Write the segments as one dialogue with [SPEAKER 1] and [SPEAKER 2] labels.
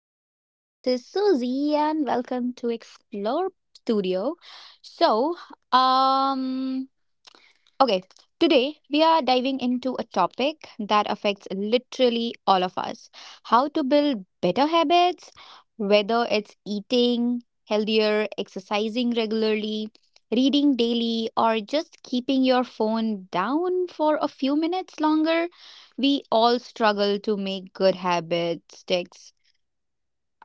[SPEAKER 1] podcast. This is Susie, and welcome to Explore Studio. So, um, Okay, today we are diving into a topic that affects literally all of us: how to build better habits, whether it's eating healthier, exercising regularly, reading daily, or just keeping your phone down for a few minutes longer. We all struggle to make good habits stick,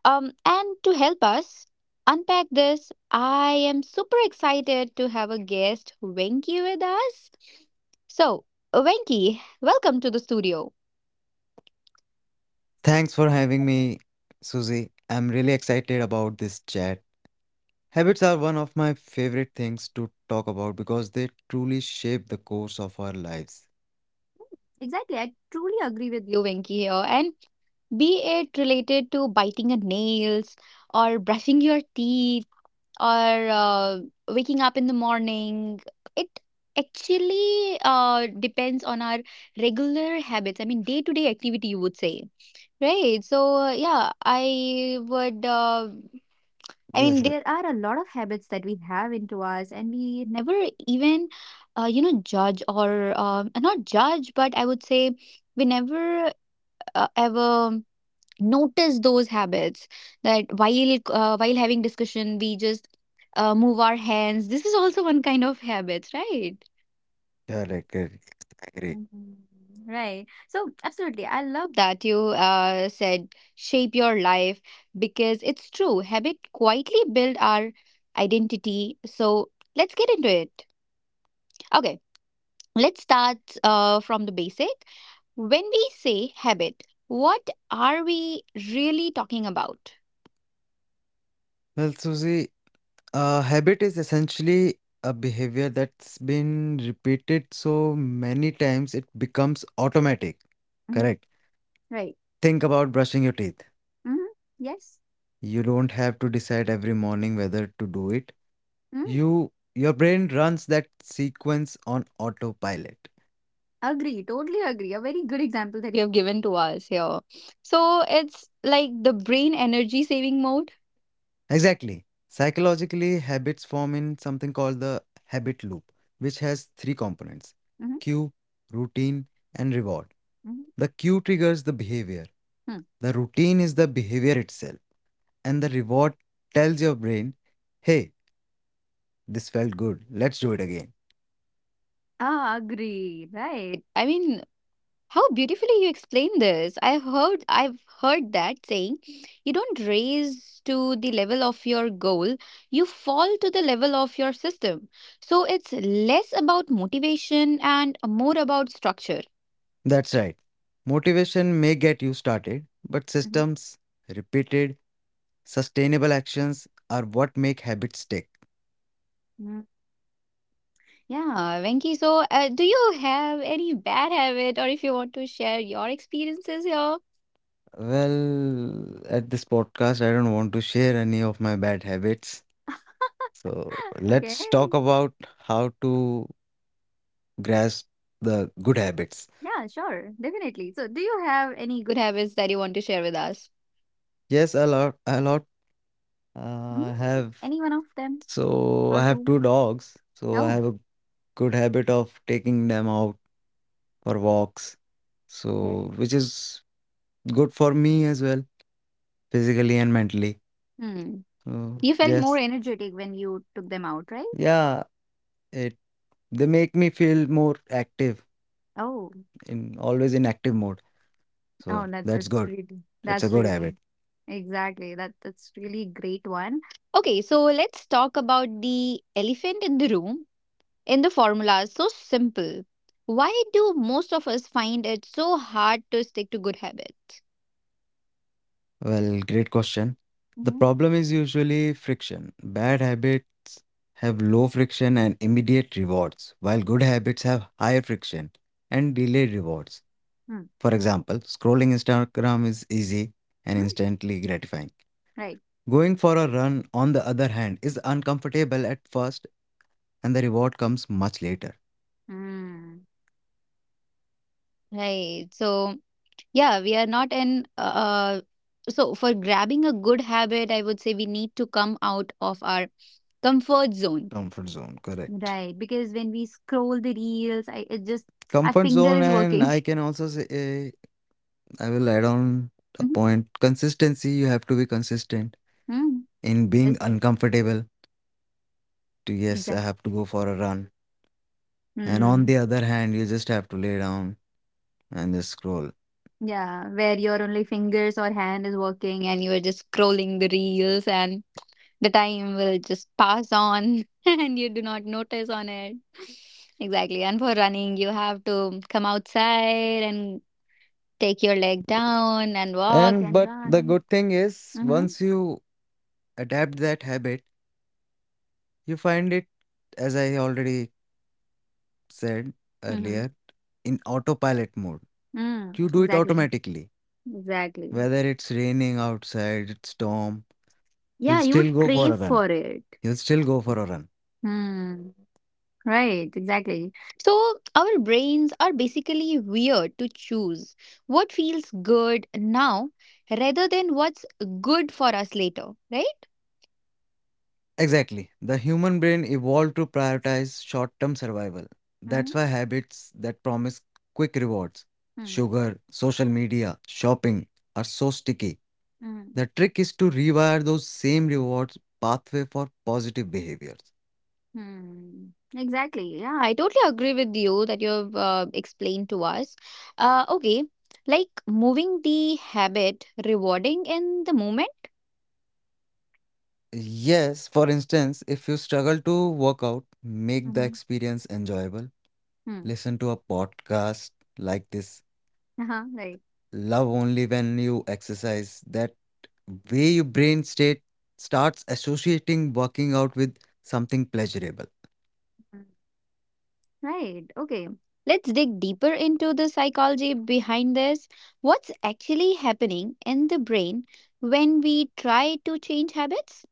[SPEAKER 1] and to help us unpack this, I am super excited to have a guest, Venki, with us. So, Venki, welcome to the studio.
[SPEAKER 2] Thanks for having me, Susie. I'm really excited about this chat. Habits are one of my favorite things to talk about because they truly shape the course of our lives.
[SPEAKER 1] Exactly, I truly agree with you, Venki, here. And be it related to biting your nails, or brushing your teeth, or waking up in the morning, it actually depends on our regular habits. I mean, day to day activity, you would say, right? So yeah, I mean
[SPEAKER 2] Yes, I
[SPEAKER 1] there
[SPEAKER 2] correct.
[SPEAKER 1] are a lot of habits that we have into us and we never even judge, or not judge, but I would say we never ever notice those habits. That while having discussion, we just move our hands. This is also one kind of habit, right?
[SPEAKER 2] Correct. Yes, I agree.
[SPEAKER 1] Mhm. Right. So absolutely, I love that you said shape your life, because it's true habit quietly build our identity. So let's get into it. Okay, let's start from the basic. When we say habit, what are we really talking about?
[SPEAKER 2] Well, Susie, a habit is essentially a behavior that's been repeated so many times it becomes automatic.
[SPEAKER 1] Mhm.
[SPEAKER 2] Correct.
[SPEAKER 1] Right.
[SPEAKER 2] Think about brushing your teeth.
[SPEAKER 1] Mhm. Yes.
[SPEAKER 2] You don't have to decide every morning whether to do it.
[SPEAKER 1] Mm.
[SPEAKER 2] Your brain runs that sequence on autopilot.
[SPEAKER 1] Agree. Totally agree. A very good example that you have given to us here. So it's like the brain energy saving mode.
[SPEAKER 2] Exactly. Psychologically, habits form in something called the habit loop, which has three components:
[SPEAKER 1] Mm-hmm.
[SPEAKER 2] cue, routine, and reward.
[SPEAKER 1] Hmm.
[SPEAKER 2] The cue triggers the behavior,
[SPEAKER 1] Hmm.
[SPEAKER 2] the routine is the behavior itself, and the reward tells your brain, hey, this felt good, let's do it again.
[SPEAKER 1] Ah, agree. Right. I mean, how beautifully you explain this. I've heard that saying, you don't raise to the level of your goal, you fall to the level of your system. So it's less about motivation and more about structure.
[SPEAKER 2] That's right. Motivation may get you started, but systems, repeated sustainable actions, are what make habits stick.
[SPEAKER 1] Yeah, Venki. So, do you have any bad habit, or if you want to share your experiences here?
[SPEAKER 2] Well, at this podcast, I don't want to share any of my bad habits. So
[SPEAKER 1] Okay.
[SPEAKER 2] let's talk about how to grasp the good habits.
[SPEAKER 1] Yeah, sure. Definitely. So, do you have any good habits that you want to share with us?
[SPEAKER 2] Yes, a lot, a lot.
[SPEAKER 1] Hmm?
[SPEAKER 2] I have
[SPEAKER 1] Any one of them
[SPEAKER 2] so
[SPEAKER 1] or
[SPEAKER 2] I have
[SPEAKER 1] two?
[SPEAKER 2] two dogs. So I
[SPEAKER 1] Oh,
[SPEAKER 2] have a good habit of taking them out for walks.
[SPEAKER 1] okay.
[SPEAKER 2] So, which is good for me as well, physically and mentally.
[SPEAKER 1] Hmm.
[SPEAKER 2] So
[SPEAKER 1] You felt more
[SPEAKER 2] yes,
[SPEAKER 1] energetic when you took them out, right?
[SPEAKER 2] yeah. It they make me feel more active,
[SPEAKER 1] Oh,
[SPEAKER 2] in always in active mode.
[SPEAKER 1] oh,
[SPEAKER 2] So
[SPEAKER 1] that
[SPEAKER 2] that's good. It's a
[SPEAKER 1] that's
[SPEAKER 2] good
[SPEAKER 1] really
[SPEAKER 2] habit.
[SPEAKER 1] exactly that's really great one. Okay, so let's talk about the elephant in the room. In the formula so simple. Why do most of us find it so hard to stick to good habits?
[SPEAKER 2] Well, great question. The
[SPEAKER 1] Mm-hmm.
[SPEAKER 2] problem is usually friction. Bad habits have low friction and immediate rewards, while good habits have higher friction and delayed rewards.
[SPEAKER 1] Mm.
[SPEAKER 2] For example, scrolling Instagram is easy and
[SPEAKER 1] Mm.
[SPEAKER 2] instantly gratifying.
[SPEAKER 1] Right.
[SPEAKER 2] Going for a run, on the other hand, is uncomfortable at first and the reward comes much later.
[SPEAKER 1] Mm. Right. So yeah, we are not in. So, for grabbing a good habit, I would say we need to come out of our comfort zone.
[SPEAKER 2] Comfort zone, correct.
[SPEAKER 1] Right. Because when we scroll the reels, I it just our
[SPEAKER 2] Comfort
[SPEAKER 1] finger
[SPEAKER 2] zone,
[SPEAKER 1] is
[SPEAKER 2] and
[SPEAKER 1] working.
[SPEAKER 2] I can also say, I will add on a
[SPEAKER 1] Mm-hmm.
[SPEAKER 2] point. Consistency, you have to be consistent
[SPEAKER 1] Mm.
[SPEAKER 2] in
[SPEAKER 1] Well
[SPEAKER 2] being
[SPEAKER 1] said.
[SPEAKER 2] uncomfortable to, yes, I
[SPEAKER 1] Exactly.
[SPEAKER 2] have to go for a run. And on
[SPEAKER 1] Mm.
[SPEAKER 2] the other hand, you just have to lay down and just scroll.
[SPEAKER 1] Yeah, where your only fingers or hand is working and you are just scrolling the reels and the time will just pass on and you do not notice on it. Exactly. And for running, you have to come outside and take your leg down and walk
[SPEAKER 2] And
[SPEAKER 1] and
[SPEAKER 2] but the
[SPEAKER 1] run.
[SPEAKER 2] good thing is,
[SPEAKER 1] Mm-hmm.
[SPEAKER 2] once you adapt that habit, you find it, as I already said
[SPEAKER 1] Mm-hmm.
[SPEAKER 2] earlier, in autopilot mode.
[SPEAKER 1] Mm,
[SPEAKER 2] You do it
[SPEAKER 1] exactly.
[SPEAKER 2] automatically.
[SPEAKER 1] Exactly.
[SPEAKER 2] Whether it's raining outside, it's storm, you'll
[SPEAKER 1] Yeah, you would
[SPEAKER 2] still go for
[SPEAKER 1] crave
[SPEAKER 2] a
[SPEAKER 1] for
[SPEAKER 2] run.
[SPEAKER 1] it.
[SPEAKER 2] You'll still go for a run.
[SPEAKER 1] Hmm. Right, exactly. So, our brains are basically weird to choose what feels good now rather than what's good for us later, right?
[SPEAKER 2] Exactly. The human brain evolved to prioritize short term survival. That's
[SPEAKER 1] Mm-hmm.
[SPEAKER 2] why habits that promise quick rewards,
[SPEAKER 1] Hmm.
[SPEAKER 2] sugar, social media, shopping, are so sticky.
[SPEAKER 1] Hmm.
[SPEAKER 2] The trick is to rewire those same rewards pathway for positive behaviors.
[SPEAKER 1] Hmm. Exactly. Yeah. I totally agree with you that you've explained to us. Okay, like moving the habit, rewarding in the moment.
[SPEAKER 2] Yes, for instance, if you struggle to work out, make the
[SPEAKER 1] Mm-hmm.
[SPEAKER 2] experience enjoyable.
[SPEAKER 1] Hmm.
[SPEAKER 2] Listen to a podcast like this.
[SPEAKER 1] Uh-huh. Right.
[SPEAKER 2] Love only when you exercise. That way your brain state starts associating working out with something pleasurable.
[SPEAKER 1] Right. Okay. Let's dig deeper into the psychology behind this. What's actually happening in the brain when we try to change habits?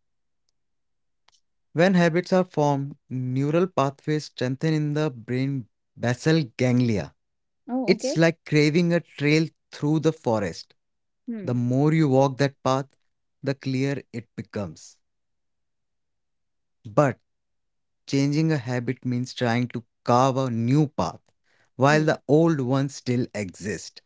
[SPEAKER 2] When habits are formed, neural pathways strengthen in the brain basal ganglia.
[SPEAKER 1] Oh,
[SPEAKER 2] It's
[SPEAKER 1] okay.
[SPEAKER 2] like craving a trail through the forest. The
[SPEAKER 1] Hmm.
[SPEAKER 2] more you walk that path, the clearer it becomes. But changing a habit means trying to carve a new path while
[SPEAKER 1] Hmm.
[SPEAKER 2] the old ones still exist.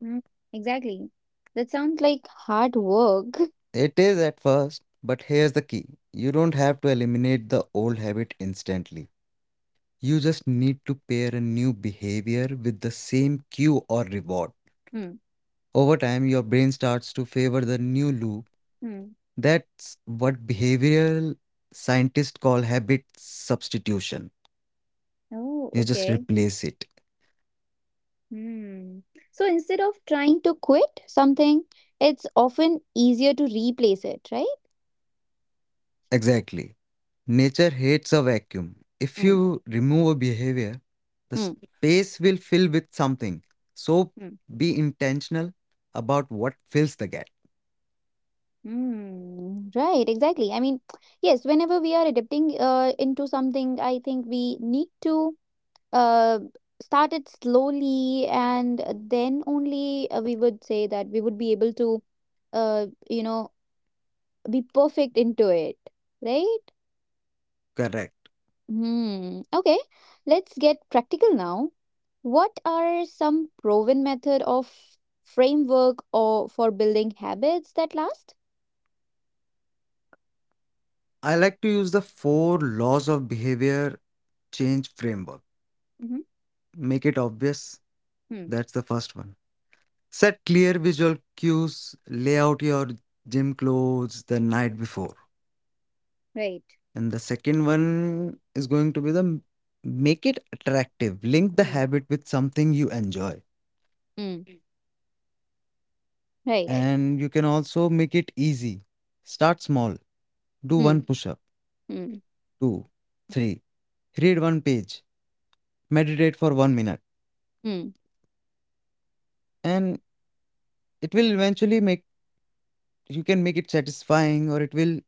[SPEAKER 1] Hmm. Exactly. That sounds like hard work.
[SPEAKER 2] It is at first, but here's the key. You don't have to eliminate the old habit instantly. You just need to pair a new behavior with the same cue or reward.
[SPEAKER 1] Hmm.
[SPEAKER 2] Over time, your brain starts to favor the new loop.
[SPEAKER 1] Hmm.
[SPEAKER 2] That's what behavioral scientists call habit substitution.
[SPEAKER 1] Oh,
[SPEAKER 2] You just
[SPEAKER 1] okay.
[SPEAKER 2] replace it.
[SPEAKER 1] Hmm. So instead of trying to quit something, it's often easier to replace it, right?
[SPEAKER 2] Exactly. Nature hates a vacuum. If
[SPEAKER 1] Hmm.
[SPEAKER 2] you remove a behavior, the space will fill with something. So
[SPEAKER 1] Hmm.
[SPEAKER 2] be intentional about what fills the gap.
[SPEAKER 1] Mm, right, exactly. I mean, yes, whenever we are adapting into something, I think we need to uh, start it slowly, and then only we would say that we would be able to, uh, you know, be perfect into it, right?
[SPEAKER 2] Correct.
[SPEAKER 1] Hmm. Okay, let's get practical now. What are some proven method of framework or for building habits that last?
[SPEAKER 2] I like to use the four laws of behavior change framework.
[SPEAKER 1] Mm-hmm.
[SPEAKER 2] Make it obvious.
[SPEAKER 1] Hmm.
[SPEAKER 2] That's the first one. Set clear visual cues. Lay out your gym clothes the night before.
[SPEAKER 1] Right.
[SPEAKER 2] And the second one is going to be make it attractive. Link the habit with something you enjoy.
[SPEAKER 1] Hmm. Right.
[SPEAKER 2] And you can also make it easy. Start small. Do
[SPEAKER 1] Hmm.
[SPEAKER 2] one push up,
[SPEAKER 1] Hmm.
[SPEAKER 2] two, three. Read one page. Meditate for 1 minute.
[SPEAKER 1] Hmm.
[SPEAKER 2] And it will eventually make you can make it satisfying, or it will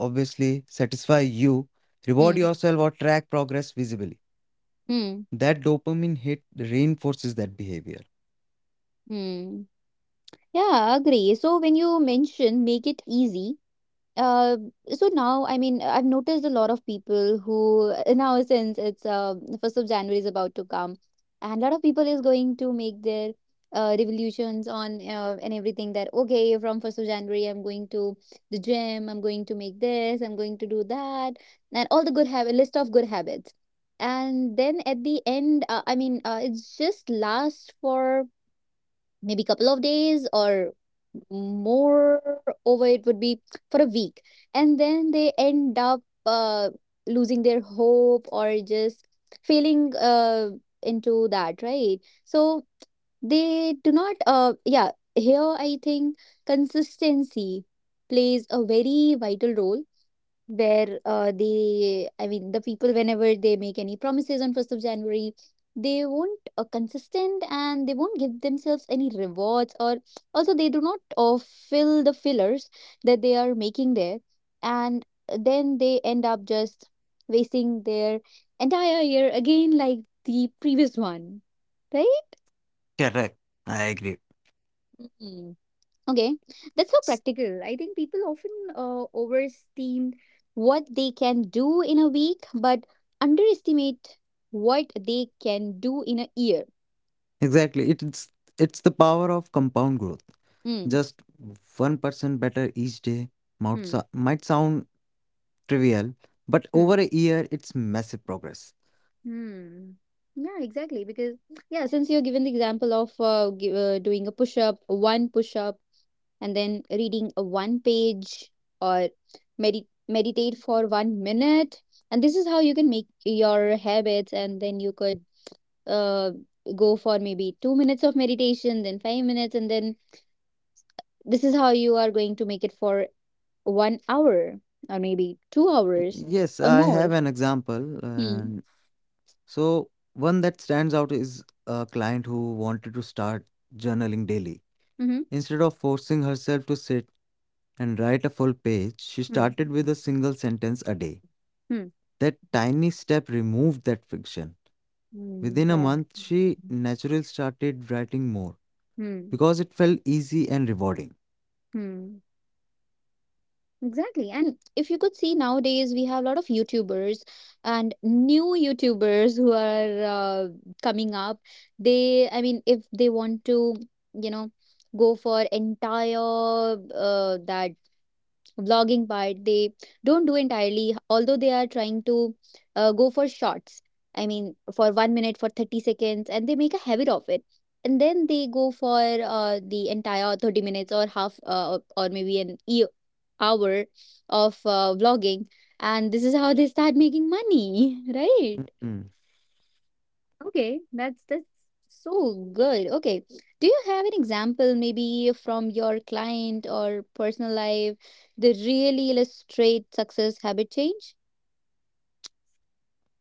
[SPEAKER 2] obviously satisfy you. Reward
[SPEAKER 1] Hmm.
[SPEAKER 2] yourself or track progress visibly.
[SPEAKER 1] Hmm.
[SPEAKER 2] That dopamine hit reinforces that behavior.
[SPEAKER 1] Hmm. Yeah, agree. So when you mention make it easy, Uh, so now, I mean, I've noticed a lot of people who now, since it's the 1st of January is about to come, and a lot of people is going to make their revolutions on and everything that, okay, from 1st of January, I'm going to the gym, I'm going to make this, I'm going to do that, and all the good habit list of good habits. And then at the end, I mean, it's just lasts for maybe couple of days, or more over it would be for a week, and then they end up losing their hope, or just feeling into that, right? So they do not, yeah, here I think consistency plays a very vital role. Where they I mean the people, whenever they make any promises on 1st of january, they won't consistent, and they won't give themselves any rewards, or also they do not fill the fillers that they are making there, and then they end up just wasting their entire year again, like the previous one, right?
[SPEAKER 2] Correct. I agree.
[SPEAKER 1] Okay, that's so practical. I think people often overestimate what they can do in a week, but underestimate what they can do in a year.
[SPEAKER 2] Exactly. It's the power of compound growth.
[SPEAKER 1] Mm,
[SPEAKER 2] Just 1% better each day might,
[SPEAKER 1] hmm,
[SPEAKER 2] sou- might sound trivial, but
[SPEAKER 1] hmm,
[SPEAKER 2] over a year it's massive progress.
[SPEAKER 1] hmm. Yeah, exactly. Because yeah, since you're given the example of doing a push up, one push up, and then reading a one page, or meditate for 1 minute, and this is how you can make your habits, and then you could uh, go for maybe 2 minutes of meditation, then 5 minutes, and then this is how you are going to make it for 1 hour, or maybe 2 hours
[SPEAKER 2] Yes,
[SPEAKER 1] or
[SPEAKER 2] I
[SPEAKER 1] more.
[SPEAKER 2] have an example.
[SPEAKER 1] Hmm.
[SPEAKER 2] And so, one that stands out is a client who wanted to start journaling daily.
[SPEAKER 1] Mm-hmm.
[SPEAKER 2] Instead of forcing herself to sit and write a full page, she
[SPEAKER 1] Hmm.
[SPEAKER 2] started with a single sentence a day.
[SPEAKER 1] Hmm.
[SPEAKER 2] That tiny step removed that friction.
[SPEAKER 1] Hmm.
[SPEAKER 2] Within a month,
[SPEAKER 1] Exactly.
[SPEAKER 2] she naturally started writing more
[SPEAKER 1] Hmm.
[SPEAKER 2] because it felt easy and rewarding.
[SPEAKER 1] Hmm. Exactly. And if you could see nowadays, we have a lot of YouTubers and new YouTubers who are coming up. I mean, if they want to, you know, go for entire that vlogging part, they don't do entirely, although they are trying to go for shots, I mean for 1 minute, for 30 seconds, and they make a habit of it, and then they go for the entire 30 minutes, or half or maybe an hour of vlogging, and this is how they start making money. Right?
[SPEAKER 2] Mhm.
[SPEAKER 1] Okay, that's so good. Okay. Do you have an example maybe from your client or personal life that really illustrate success habit change?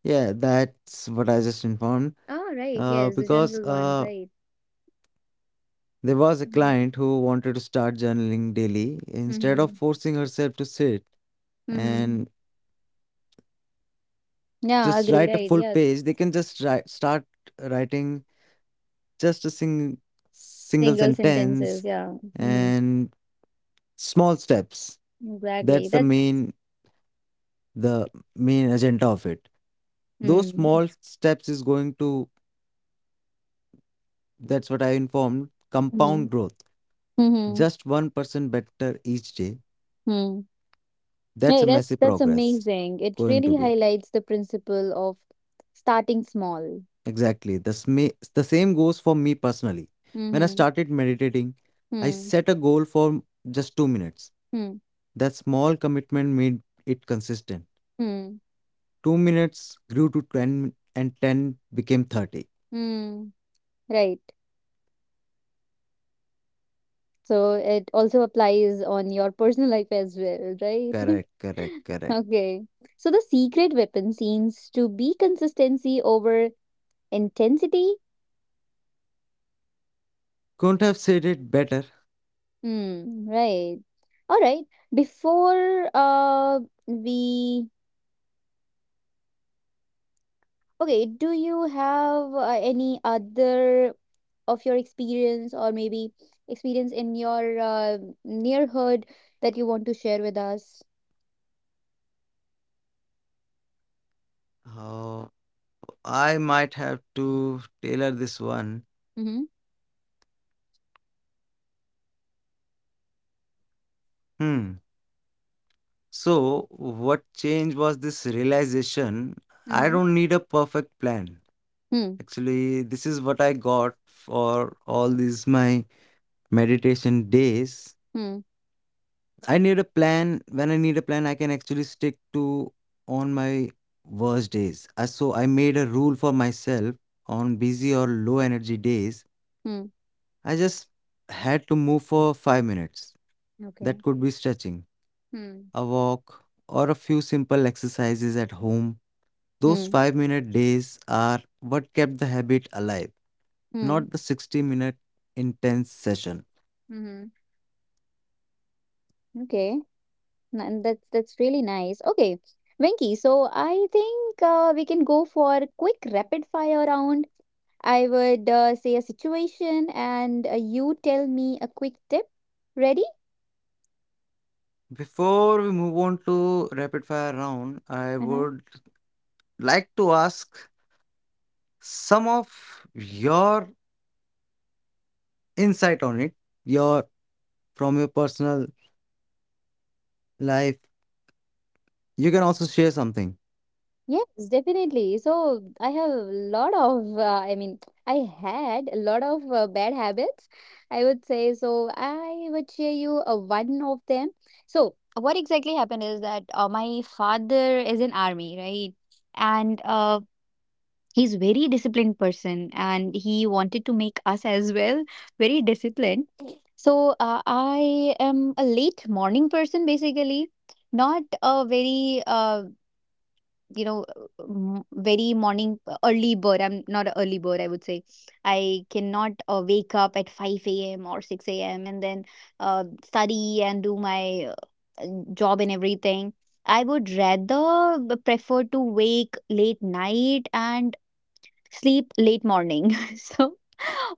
[SPEAKER 2] Yeah, that's what I just informed.
[SPEAKER 1] Oh, right. Yes, the
[SPEAKER 2] Because
[SPEAKER 1] general one, right.
[SPEAKER 2] there was a client who wanted to start journaling daily. Instead of
[SPEAKER 1] Mm-hmm.
[SPEAKER 2] forcing herself to sit
[SPEAKER 1] Mm-hmm.
[SPEAKER 2] and just
[SPEAKER 1] Yeah,
[SPEAKER 2] write
[SPEAKER 1] agree,
[SPEAKER 2] a
[SPEAKER 1] right.
[SPEAKER 2] full
[SPEAKER 1] Yeah,
[SPEAKER 2] page, they can just write, start writing just a single
[SPEAKER 1] single sentences.
[SPEAKER 2] sentence,
[SPEAKER 1] Yeah. Mm-hmm.
[SPEAKER 2] and small steps.
[SPEAKER 1] Exactly.
[SPEAKER 2] That's the
[SPEAKER 1] That's
[SPEAKER 2] main the main agenda of it. Those
[SPEAKER 1] mm.
[SPEAKER 2] small steps is going to, that's what I informed,
[SPEAKER 1] Mm-hmm.
[SPEAKER 2] compound growth.
[SPEAKER 1] Mm-hmm.
[SPEAKER 2] Just 1% better each day.
[SPEAKER 1] Mm.
[SPEAKER 2] That's
[SPEAKER 1] Hey,
[SPEAKER 2] a
[SPEAKER 1] that's
[SPEAKER 2] massive
[SPEAKER 1] that's
[SPEAKER 2] progress
[SPEAKER 1] amazing. It
[SPEAKER 2] going to
[SPEAKER 1] really
[SPEAKER 2] be.
[SPEAKER 1] highlights the principle of starting small.
[SPEAKER 2] Exactly. The same goes for me personally. When I
[SPEAKER 1] Mm-hmm.
[SPEAKER 2] started meditating, I
[SPEAKER 1] Hmm.
[SPEAKER 2] set a goal for just 2 minutes.
[SPEAKER 1] Hmm.
[SPEAKER 2] That small commitment made it consistent.
[SPEAKER 1] Hmm.
[SPEAKER 2] 2 minutes grew to 10, and 10 became 30.
[SPEAKER 1] Hmm. Right. So it also applies on your personal life as well, right?
[SPEAKER 2] Correct, correct, correct.
[SPEAKER 1] Okay. So the secret weapon seems to be consistency over intensity.
[SPEAKER 2] Couldn't have said it better.
[SPEAKER 1] Hmm. Right. All right. Before we Okay, do you have any other of your experience, or maybe experience in your neighborhood, that you want to share with us?
[SPEAKER 2] I might have to tailor this one.
[SPEAKER 1] Mhm,
[SPEAKER 2] Hmm. So, what change was this realization? I
[SPEAKER 1] mhm.
[SPEAKER 2] don't need a perfect plan.
[SPEAKER 1] Hmm,
[SPEAKER 2] Actually, this is what I got for all these my meditation days.
[SPEAKER 1] hmm,
[SPEAKER 2] I need a plan. When I need a plan, I can actually stick to on my worst days. So, I made a rule for myself on busy or low energy days.
[SPEAKER 1] hmm.
[SPEAKER 2] I just had to move for 5 minutes. That
[SPEAKER 1] Okay.
[SPEAKER 2] could be stretching,
[SPEAKER 1] Hmm.
[SPEAKER 2] a walk, or a few simple exercises at home. Those
[SPEAKER 1] Hmm.
[SPEAKER 2] 5-minute days are what kept the habit alive,
[SPEAKER 1] Mm.
[SPEAKER 2] not the 60-minute intense session.
[SPEAKER 1] Mhm. Okay. That's really nice. Okay, Venki, so I think we can go for quick rapid fire round. I would say a situation and you tell me a quick tip. Ready?
[SPEAKER 2] Before we move on to rapid fire round, I
[SPEAKER 1] uh
[SPEAKER 2] would like to ask some of your insight on it, your from your personal life. You can also share something.
[SPEAKER 1] Yes, definitely. So I have a lot of, I mean, I had a lot of bad habits, I would say. So I would share you one of them. So what exactly happened is that my father is in army, right? And he's very disciplined person, and he wanted to make us as well very disciplined. So I am a late morning person, basically. Not a very you know m- very morning early bird. I'm not an early bird, I would say. I cannot wake up at 5 a.m or 6 a.m and then study and do my job and everything. I would rather prefer to wake late night and sleep late morning. So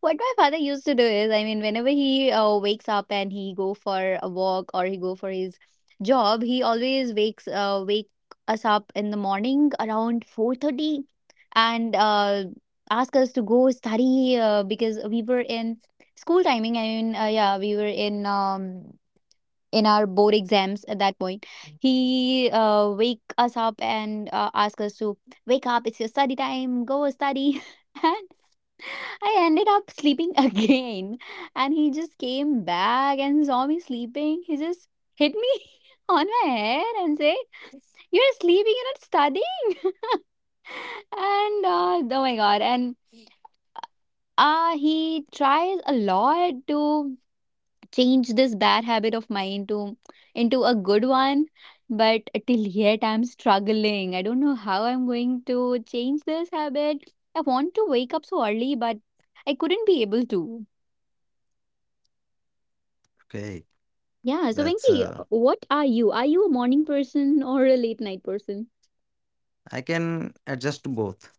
[SPEAKER 1] what my father used to do is, I mean, whenever he wakes up and he go for a walk, or he go for his job, he always wake us up in the morning around 4:30, and ask us to go study, because we were in school timing. I mean, yeah, we were in our board exams at that point. He wake us up and ask us to wake up. It's your study time. Go study. I ended up sleeping again, and he just came back and saw me sleeping. He just hit me on my head and said, "You're sleeping, you're not studying." and oh my god! And he tries a lot to change this bad habit of mine to into a good one, but till yet I'm struggling. I don't know how I'm going to change this habit. I want to wake up so early, but I couldn't be able to.
[SPEAKER 2] Okay,
[SPEAKER 1] Yeah. So,
[SPEAKER 2] that's
[SPEAKER 1] Venki, what are you? Are you a morning person or a late night person?
[SPEAKER 2] I can adjust to both.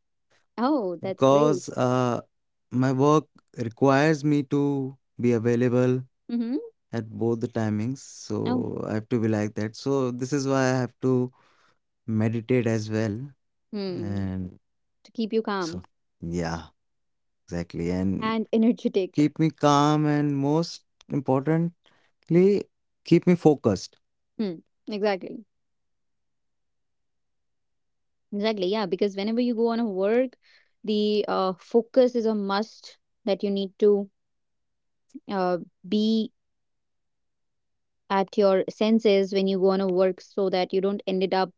[SPEAKER 1] Oh, that's great.
[SPEAKER 2] Because my work requires me to be available
[SPEAKER 1] Mm-hmm.
[SPEAKER 2] at both the timings. So
[SPEAKER 1] Oh,
[SPEAKER 2] I have to be like that. So this is why I have to meditate as well.
[SPEAKER 1] hmm.
[SPEAKER 2] And
[SPEAKER 1] To keep you calm
[SPEAKER 2] so, yeah, exactly, and
[SPEAKER 1] and energetic.
[SPEAKER 2] keep me calm and, most importantly, keep me focused.
[SPEAKER 1] Hmm. Exactly. Exactly. Yeah. Because whenever you go on a work, the focus is a must that you need to uh, be at your senses when you go on a work so that you don't end it up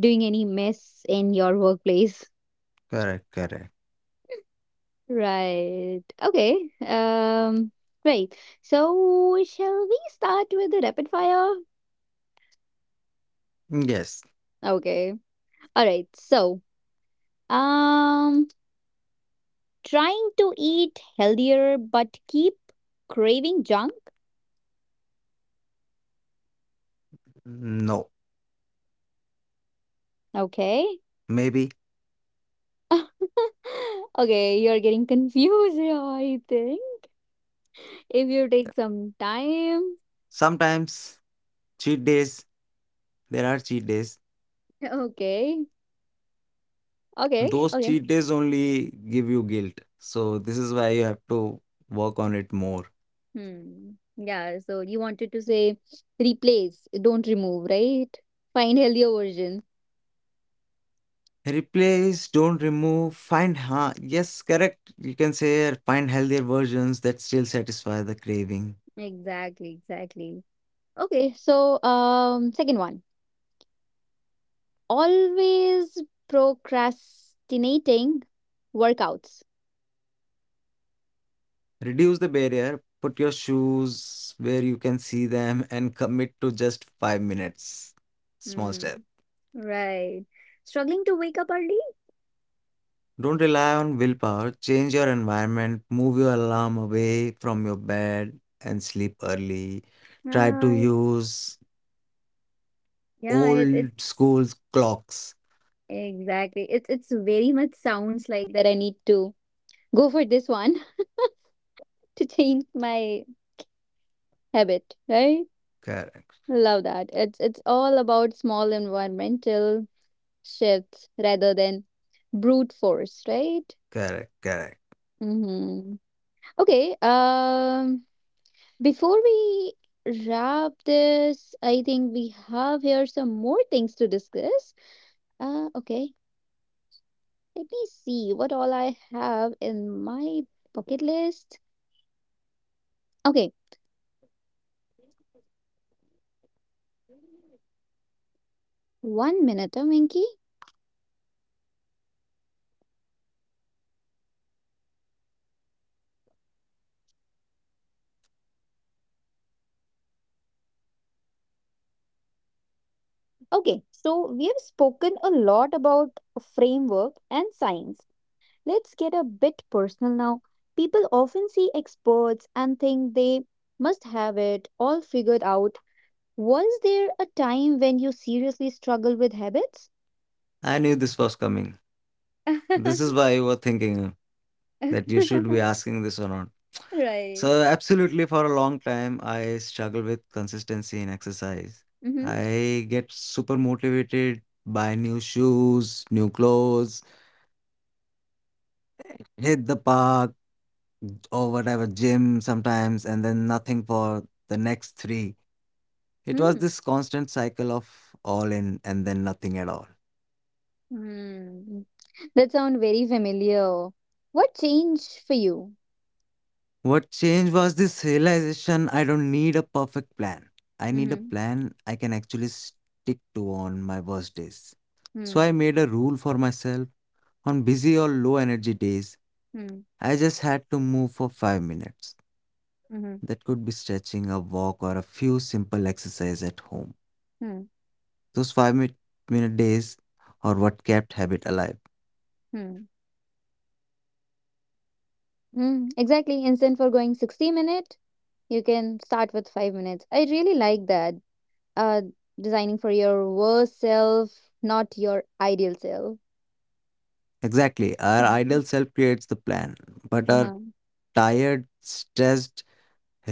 [SPEAKER 1] doing any mess in your workplace.
[SPEAKER 2] Correct, correct.
[SPEAKER 1] Right. Okay. Um, right. So, shall we start with the rapid fire?
[SPEAKER 2] Yes.
[SPEAKER 1] Okay. All right. So, um, trying to eat healthier but keep craving junk.
[SPEAKER 2] No.
[SPEAKER 1] Okay.
[SPEAKER 2] Maybe.
[SPEAKER 1] okay, you're getting confused here, I think. If you take some time.
[SPEAKER 2] Sometimes. Cheat days there are cheat days.
[SPEAKER 1] Okay. Okay.
[SPEAKER 2] Those
[SPEAKER 1] Okay.
[SPEAKER 2] cheat days only give you guilt. So this is why you have to work on it more.
[SPEAKER 1] Hmm. Yeah, so you wanted to say replace, don't remove, right? Find healthier version.
[SPEAKER 2] Replace, don't remove, find ha yes, correct. You can say here, find healthier versions that still satisfy the craving.
[SPEAKER 1] Exactly, exactly. Okay, so second one. Always procrastinating workouts.
[SPEAKER 2] Reduce the barrier, put your shoes where you can see them and commit to just 5 minutes. Small
[SPEAKER 1] Hmm.
[SPEAKER 2] step.
[SPEAKER 1] Right. Struggling to wake up early?
[SPEAKER 2] Don't rely on willpower. Change your environment, move your alarm away from your bed, and sleep early. Try to
[SPEAKER 1] Uh,
[SPEAKER 2] use
[SPEAKER 1] yeah, it's
[SPEAKER 2] old school clocks.
[SPEAKER 1] exactly. It's very much sounds like that I need to go for this one to change my habit, right?
[SPEAKER 2] Correct,
[SPEAKER 1] Love that. It's all about small environmental shifts rather than brute force, right?
[SPEAKER 2] correct, correct.
[SPEAKER 1] Mm-hmm. Okay. Before we wrap this, I think we have here some more things to discuss. Okay. Let me see what all I have in my bucket list. Okay. One minute, Minky. Okay. So we have spoken a lot about framework and science. Let's get a bit personal now. People often see experts and think they must have it all figured out. Was there a time when you seriously struggled with habits?
[SPEAKER 2] I knew this was coming. This is why you were thinking that you should be asking this or not.
[SPEAKER 1] right.
[SPEAKER 2] So, absolutely, for a long time, I struggle with consistency in exercise.
[SPEAKER 1] Mm-hmm.
[SPEAKER 2] I get super motivated, buy new shoes, new clothes, hit the park or whatever, gym sometimes, and then nothing for the next three. It was
[SPEAKER 1] hmm
[SPEAKER 2] this constant cycle of all in and then nothing at all.
[SPEAKER 1] Hmm. That sounds very familiar. What changed for you?
[SPEAKER 2] What changed was this realization: I don't need a perfect plan. I need a
[SPEAKER 1] Mm-hmm.
[SPEAKER 2] plan I can actually stick to on my worst days.
[SPEAKER 1] Hmm.
[SPEAKER 2] So I made a rule for myself. On busy or low energy days,
[SPEAKER 1] Hmm.
[SPEAKER 2] I just had to move for 5 minutes.
[SPEAKER 1] Hmm.
[SPEAKER 2] That could be stretching, a walk, or a few simple exercise at home.
[SPEAKER 1] Hmm.
[SPEAKER 2] Those 5 minute days are what kept habit alive.
[SPEAKER 1] Hmm. Hmm. Exactly. Instead for going 60 minutes, you can start with 5 minutes. I really like that. uh, designing for your worst self, not your ideal self.
[SPEAKER 2] Exactly, our idle self creates the plan, but our
[SPEAKER 1] Uh-huh.
[SPEAKER 2] tired, stressed,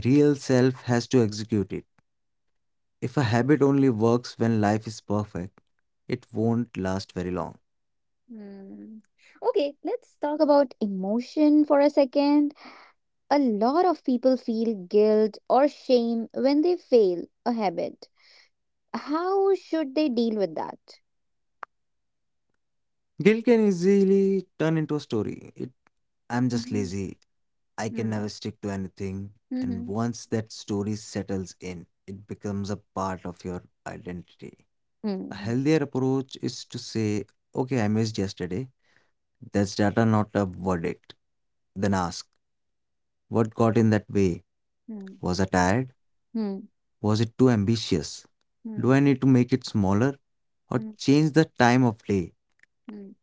[SPEAKER 2] real self has to execute it. If a habit only works when life is perfect, it won't last very long.
[SPEAKER 1] Mm. Okay, let's talk about emotion for a second. A lot of people feel guilt or shame when they fail a habit. How should they deal with that?
[SPEAKER 2] Guilt can easily turn into a story. I'm just
[SPEAKER 1] Mm-hmm.
[SPEAKER 2] lazy. I can never stick to anything.
[SPEAKER 1] Mm-hmm.
[SPEAKER 2] And once that story settles in, it becomes a part of your identity. A
[SPEAKER 1] Mm.
[SPEAKER 2] healthier approach is to say, okay, I missed yesterday. That's data, not a verdict. Then ask, what got in that way?
[SPEAKER 1] Mm.
[SPEAKER 2] Was I tired?
[SPEAKER 1] Mm.
[SPEAKER 2] Was it too ambitious? Do
[SPEAKER 1] Mm.
[SPEAKER 2] I need to make it smaller? Or
[SPEAKER 1] Mm. Mm.
[SPEAKER 2] change the time of day?
[SPEAKER 1] Mm.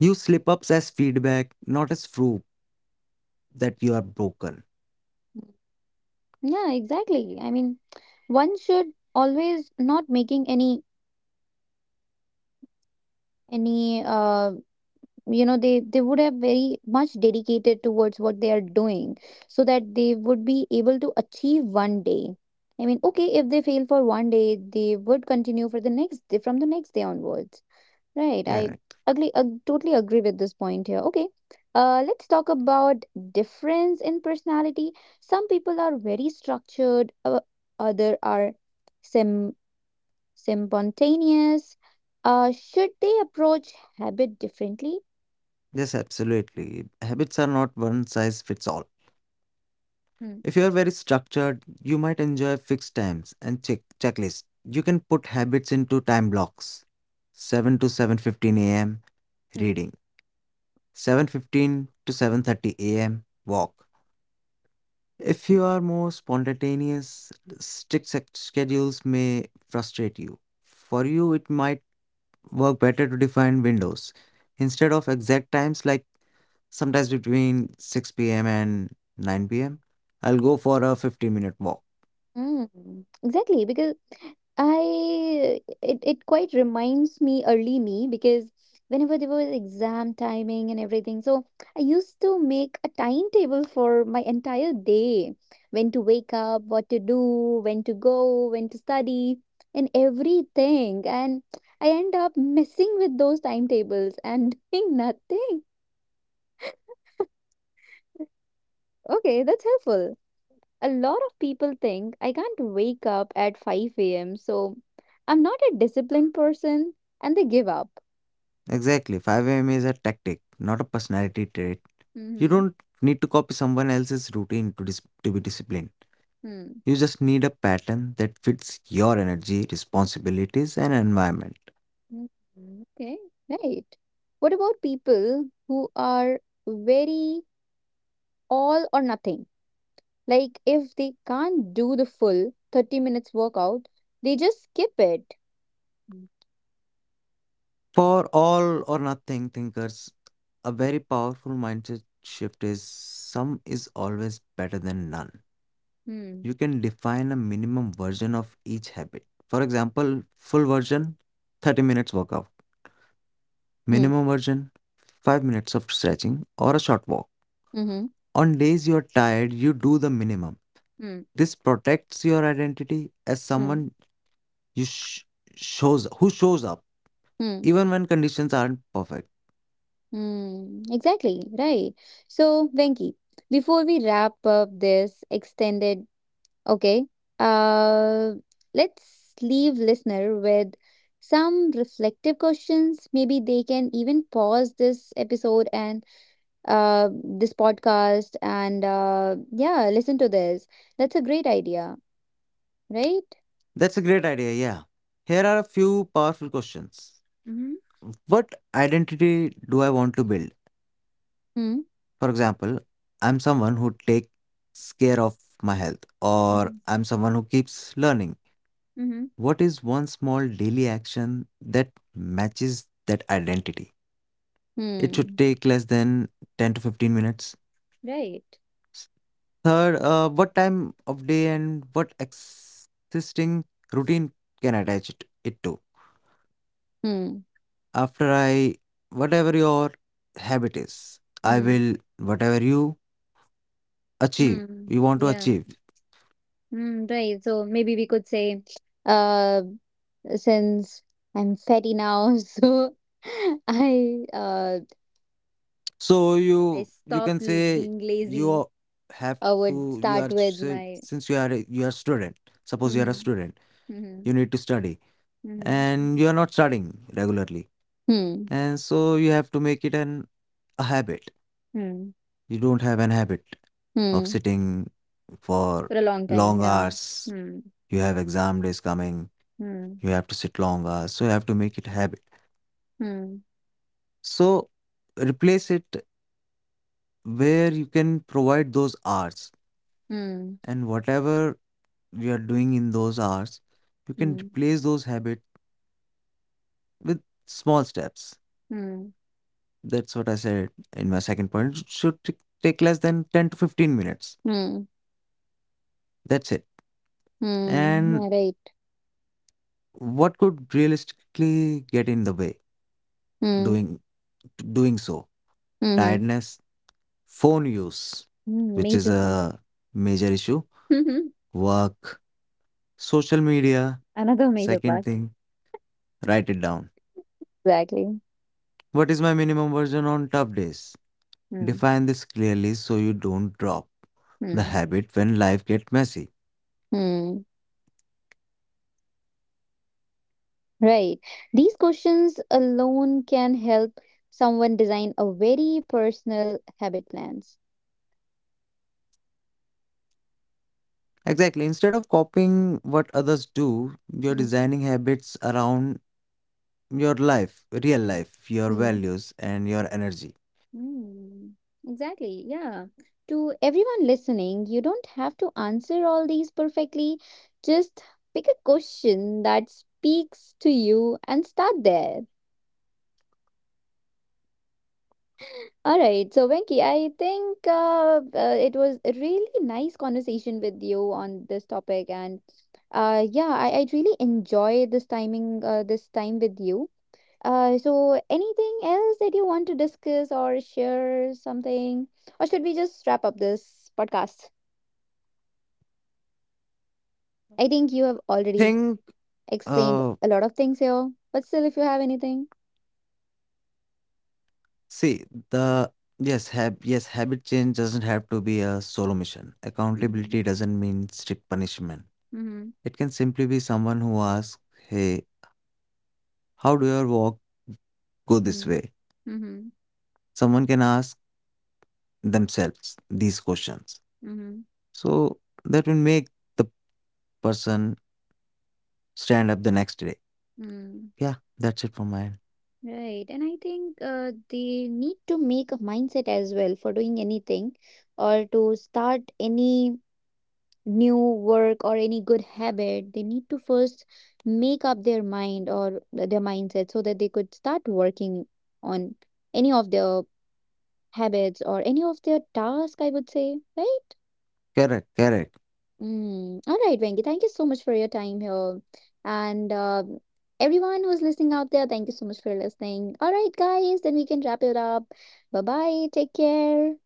[SPEAKER 2] Use slip ups as feedback, not as proof that you are broken.
[SPEAKER 1] Yeah, exactly. I mean, one should always not making any any you know they would have very much dedicated towards what they are doing so that they would be able to achieve one day, I mean, okay, if they fail for one day they would continue for the next day from the next day onwards, right.
[SPEAKER 2] Yeah,
[SPEAKER 1] I
[SPEAKER 2] right.
[SPEAKER 1] ugly totally agree with this point here. Okay, let's talk about difference in personality. Some people are very structured, other are sim spontaneous. Should they approach habit differently?
[SPEAKER 2] Yes, absolutely. Habits are not one size fits all.
[SPEAKER 1] Hmm.
[SPEAKER 2] If you are very structured, you might enjoy fixed times and checklists. You can put habits into time blocks. 7 to 7:15 a.m. reading. 7:15 to 7:30 a.m. walk. If you are more spontaneous, strict schedules may frustrate you. For you, it might work better to define windows instead of exact times, like sometimes between 6 p.m. and 9 pm. I'll go for a 15-minute walk.
[SPEAKER 1] Mm, exactly, because I it quite reminds me early me because whenever there was exam timing and everything, so I used to make a timetable for my entire day, when to wake up, what to do, when to go, when to study, and everything. And I end up messing with those timetables and doing nothing. Okay, that's helpful. A lot of people think I can't wake up at 5 a.m., so I'm not a disciplined person, and they give up.
[SPEAKER 2] Exactly, 5 a.m. is a tactic, not a personality trait. You
[SPEAKER 1] Mm-hmm.
[SPEAKER 2] don't need to copy someone else's routine to be disciplined.
[SPEAKER 1] Hmm.
[SPEAKER 2] You just need a pattern that fits your energy, responsibilities, and environment.
[SPEAKER 1] Mhm. Okay, right. What about people who are very all or nothing? Like, if they can't do the full 30 minutes workout, they just skip it. Mm-hmm.
[SPEAKER 2] For all or nothing thinkers, a very powerful mindset shift is: some is always better than none. You can define a minimum version of each habit. For example, full version 30 minutes workout,
[SPEAKER 1] hmm
[SPEAKER 2] minimum version 5 minutes of stretching or a short walk.
[SPEAKER 1] Mm-hmm.
[SPEAKER 2] On days you are tired, you do the minimum.
[SPEAKER 1] Mm-hmm.
[SPEAKER 2] This protects your identity as
[SPEAKER 1] Hmm.
[SPEAKER 2] someone you sh- shows who shows up
[SPEAKER 1] Hmm.
[SPEAKER 2] even when conditions aren't perfect.
[SPEAKER 1] Hmm. Exactly, right. So, Venki, before we wrap up this extended, okay, uh, let's leave listener with some reflective questions. Maybe they can even pause this episode and this podcast, and yeah, listen to this. That's a great idea, right?
[SPEAKER 2] That's a great idea, yeah. Here are a few powerful questions.
[SPEAKER 1] Mm-hmm.
[SPEAKER 2] What identity do I want to build?
[SPEAKER 1] Hmm.
[SPEAKER 2] For example, I'm someone who takes care of my health, or
[SPEAKER 1] Mm-hmm.
[SPEAKER 2] I'm someone who keeps learning.
[SPEAKER 1] Mm-hmm.
[SPEAKER 2] What is one small daily action that matches that identity? It should
[SPEAKER 1] Hmm.
[SPEAKER 2] take less than 10 to 15 minutes.
[SPEAKER 1] Right.
[SPEAKER 2] Third, what time of day and what existing routine can I attach it to?
[SPEAKER 1] Hmm.
[SPEAKER 2] After I, whatever your habit is, I
[SPEAKER 1] Hmm.
[SPEAKER 2] will, whatever you achieve, you
[SPEAKER 1] Hmm.
[SPEAKER 2] want to
[SPEAKER 1] Yeah.
[SPEAKER 2] achieve.
[SPEAKER 1] Mm, right. So maybe we could say, uh, since I'm fatty now, so I uh
[SPEAKER 2] So
[SPEAKER 1] I
[SPEAKER 2] you can
[SPEAKER 1] stop
[SPEAKER 2] say,
[SPEAKER 1] being lazy.
[SPEAKER 2] you have
[SPEAKER 1] I would
[SPEAKER 2] to, you
[SPEAKER 1] start
[SPEAKER 2] are,
[SPEAKER 1] with
[SPEAKER 2] say,
[SPEAKER 1] my
[SPEAKER 2] since you are, you are student, suppose you are a
[SPEAKER 1] hmm
[SPEAKER 2] student,
[SPEAKER 1] hmm
[SPEAKER 2] you need to study
[SPEAKER 1] hmm
[SPEAKER 2] and you are not studying regularly.
[SPEAKER 1] hmm
[SPEAKER 2] And so you have to make it a habit.
[SPEAKER 1] hmm
[SPEAKER 2] You don't have an habit of
[SPEAKER 1] hmm
[SPEAKER 2] sitting for
[SPEAKER 1] for a long time.
[SPEAKER 2] long
[SPEAKER 1] Yeah.
[SPEAKER 2] hours.
[SPEAKER 1] Hmm
[SPEAKER 2] You have exam days coming.
[SPEAKER 1] hmm
[SPEAKER 2] You have to sit long hours. So you have to make it habit.
[SPEAKER 1] hmm
[SPEAKER 2] So replace it where you can provide those hours,
[SPEAKER 1] hmm
[SPEAKER 2] and whatever you are doing in those hours, you can
[SPEAKER 1] hmm
[SPEAKER 2] replace those habits with small steps.
[SPEAKER 1] hmm
[SPEAKER 2] That's what I said in my second point. It should take less than 10 to 15 minutes.
[SPEAKER 1] hmm
[SPEAKER 2] That's it.
[SPEAKER 1] hmm
[SPEAKER 2] And
[SPEAKER 1] yeah, right.
[SPEAKER 2] what could realistically get in the way
[SPEAKER 1] Hmm
[SPEAKER 2] doing doing so?
[SPEAKER 1] hmm
[SPEAKER 2] Tiredness, phone use,
[SPEAKER 1] hmm
[SPEAKER 2] which is
[SPEAKER 1] major part.
[SPEAKER 2] a major issue, work, social media.
[SPEAKER 1] Another major
[SPEAKER 2] Second
[SPEAKER 1] part.
[SPEAKER 2] thing, write it down.
[SPEAKER 1] Exactly.
[SPEAKER 2] What is my minimum version on tough days?
[SPEAKER 1] Hmm.
[SPEAKER 2] Define this clearly so you don't drop the
[SPEAKER 1] Hmm.
[SPEAKER 2] habit when life gets messy.
[SPEAKER 1] Hmm. Right. These questions alone can help someone design a very personal habit plans.
[SPEAKER 2] Exactly. Instead of copying what others do, you're
[SPEAKER 1] Mm,
[SPEAKER 2] designing habits around your life, real
[SPEAKER 1] mm,
[SPEAKER 2] life, your
[SPEAKER 1] mm,
[SPEAKER 2] values, and your energy.
[SPEAKER 1] mm. Exactly. Yeah. To everyone listening, you don't have to answer all these perfectly. Just pick a question that speaks to you and start there. All right, so Venki, I think it was a really nice conversation with you on this topic, and yeah, I really enjoy this timing, this time with you. So anything else that you want to discuss or share something, or should we just wrap up this podcast? I think you have already
[SPEAKER 2] Think,
[SPEAKER 1] explained
[SPEAKER 2] uh,
[SPEAKER 1] a lot of things here, but still, if you have anything.
[SPEAKER 2] see, the yes, habit change doesn't have to be a solo mission.
[SPEAKER 1] Mm-hmm.
[SPEAKER 2] Accountability doesn't mean strict punishment.
[SPEAKER 1] Mm-hmm.
[SPEAKER 2] It can simply be someone who asks, "Hey, how do your walk go this way."
[SPEAKER 1] Mm-hmm.
[SPEAKER 2] Someone can ask themselves these questions.
[SPEAKER 1] Mm-hmm.
[SPEAKER 2] So that will make the person stand up the next day.
[SPEAKER 1] Mm-hmm.
[SPEAKER 2] Yeah, that's it from my end.
[SPEAKER 1] Right. And I think they need to make a mindset as well for doing anything or to start any new work or any good habit. They need to first make up their mind or their mindset so that they could start working on any of their habits or any of their tasks, I would say, right?
[SPEAKER 2] Correct, correct.
[SPEAKER 1] Mm. All right, Venki, thank you so much for your time here. And everyone who's listening out there, thank you so much for listening. All right, guys, then we can wrap it up. Bye bye. Take care.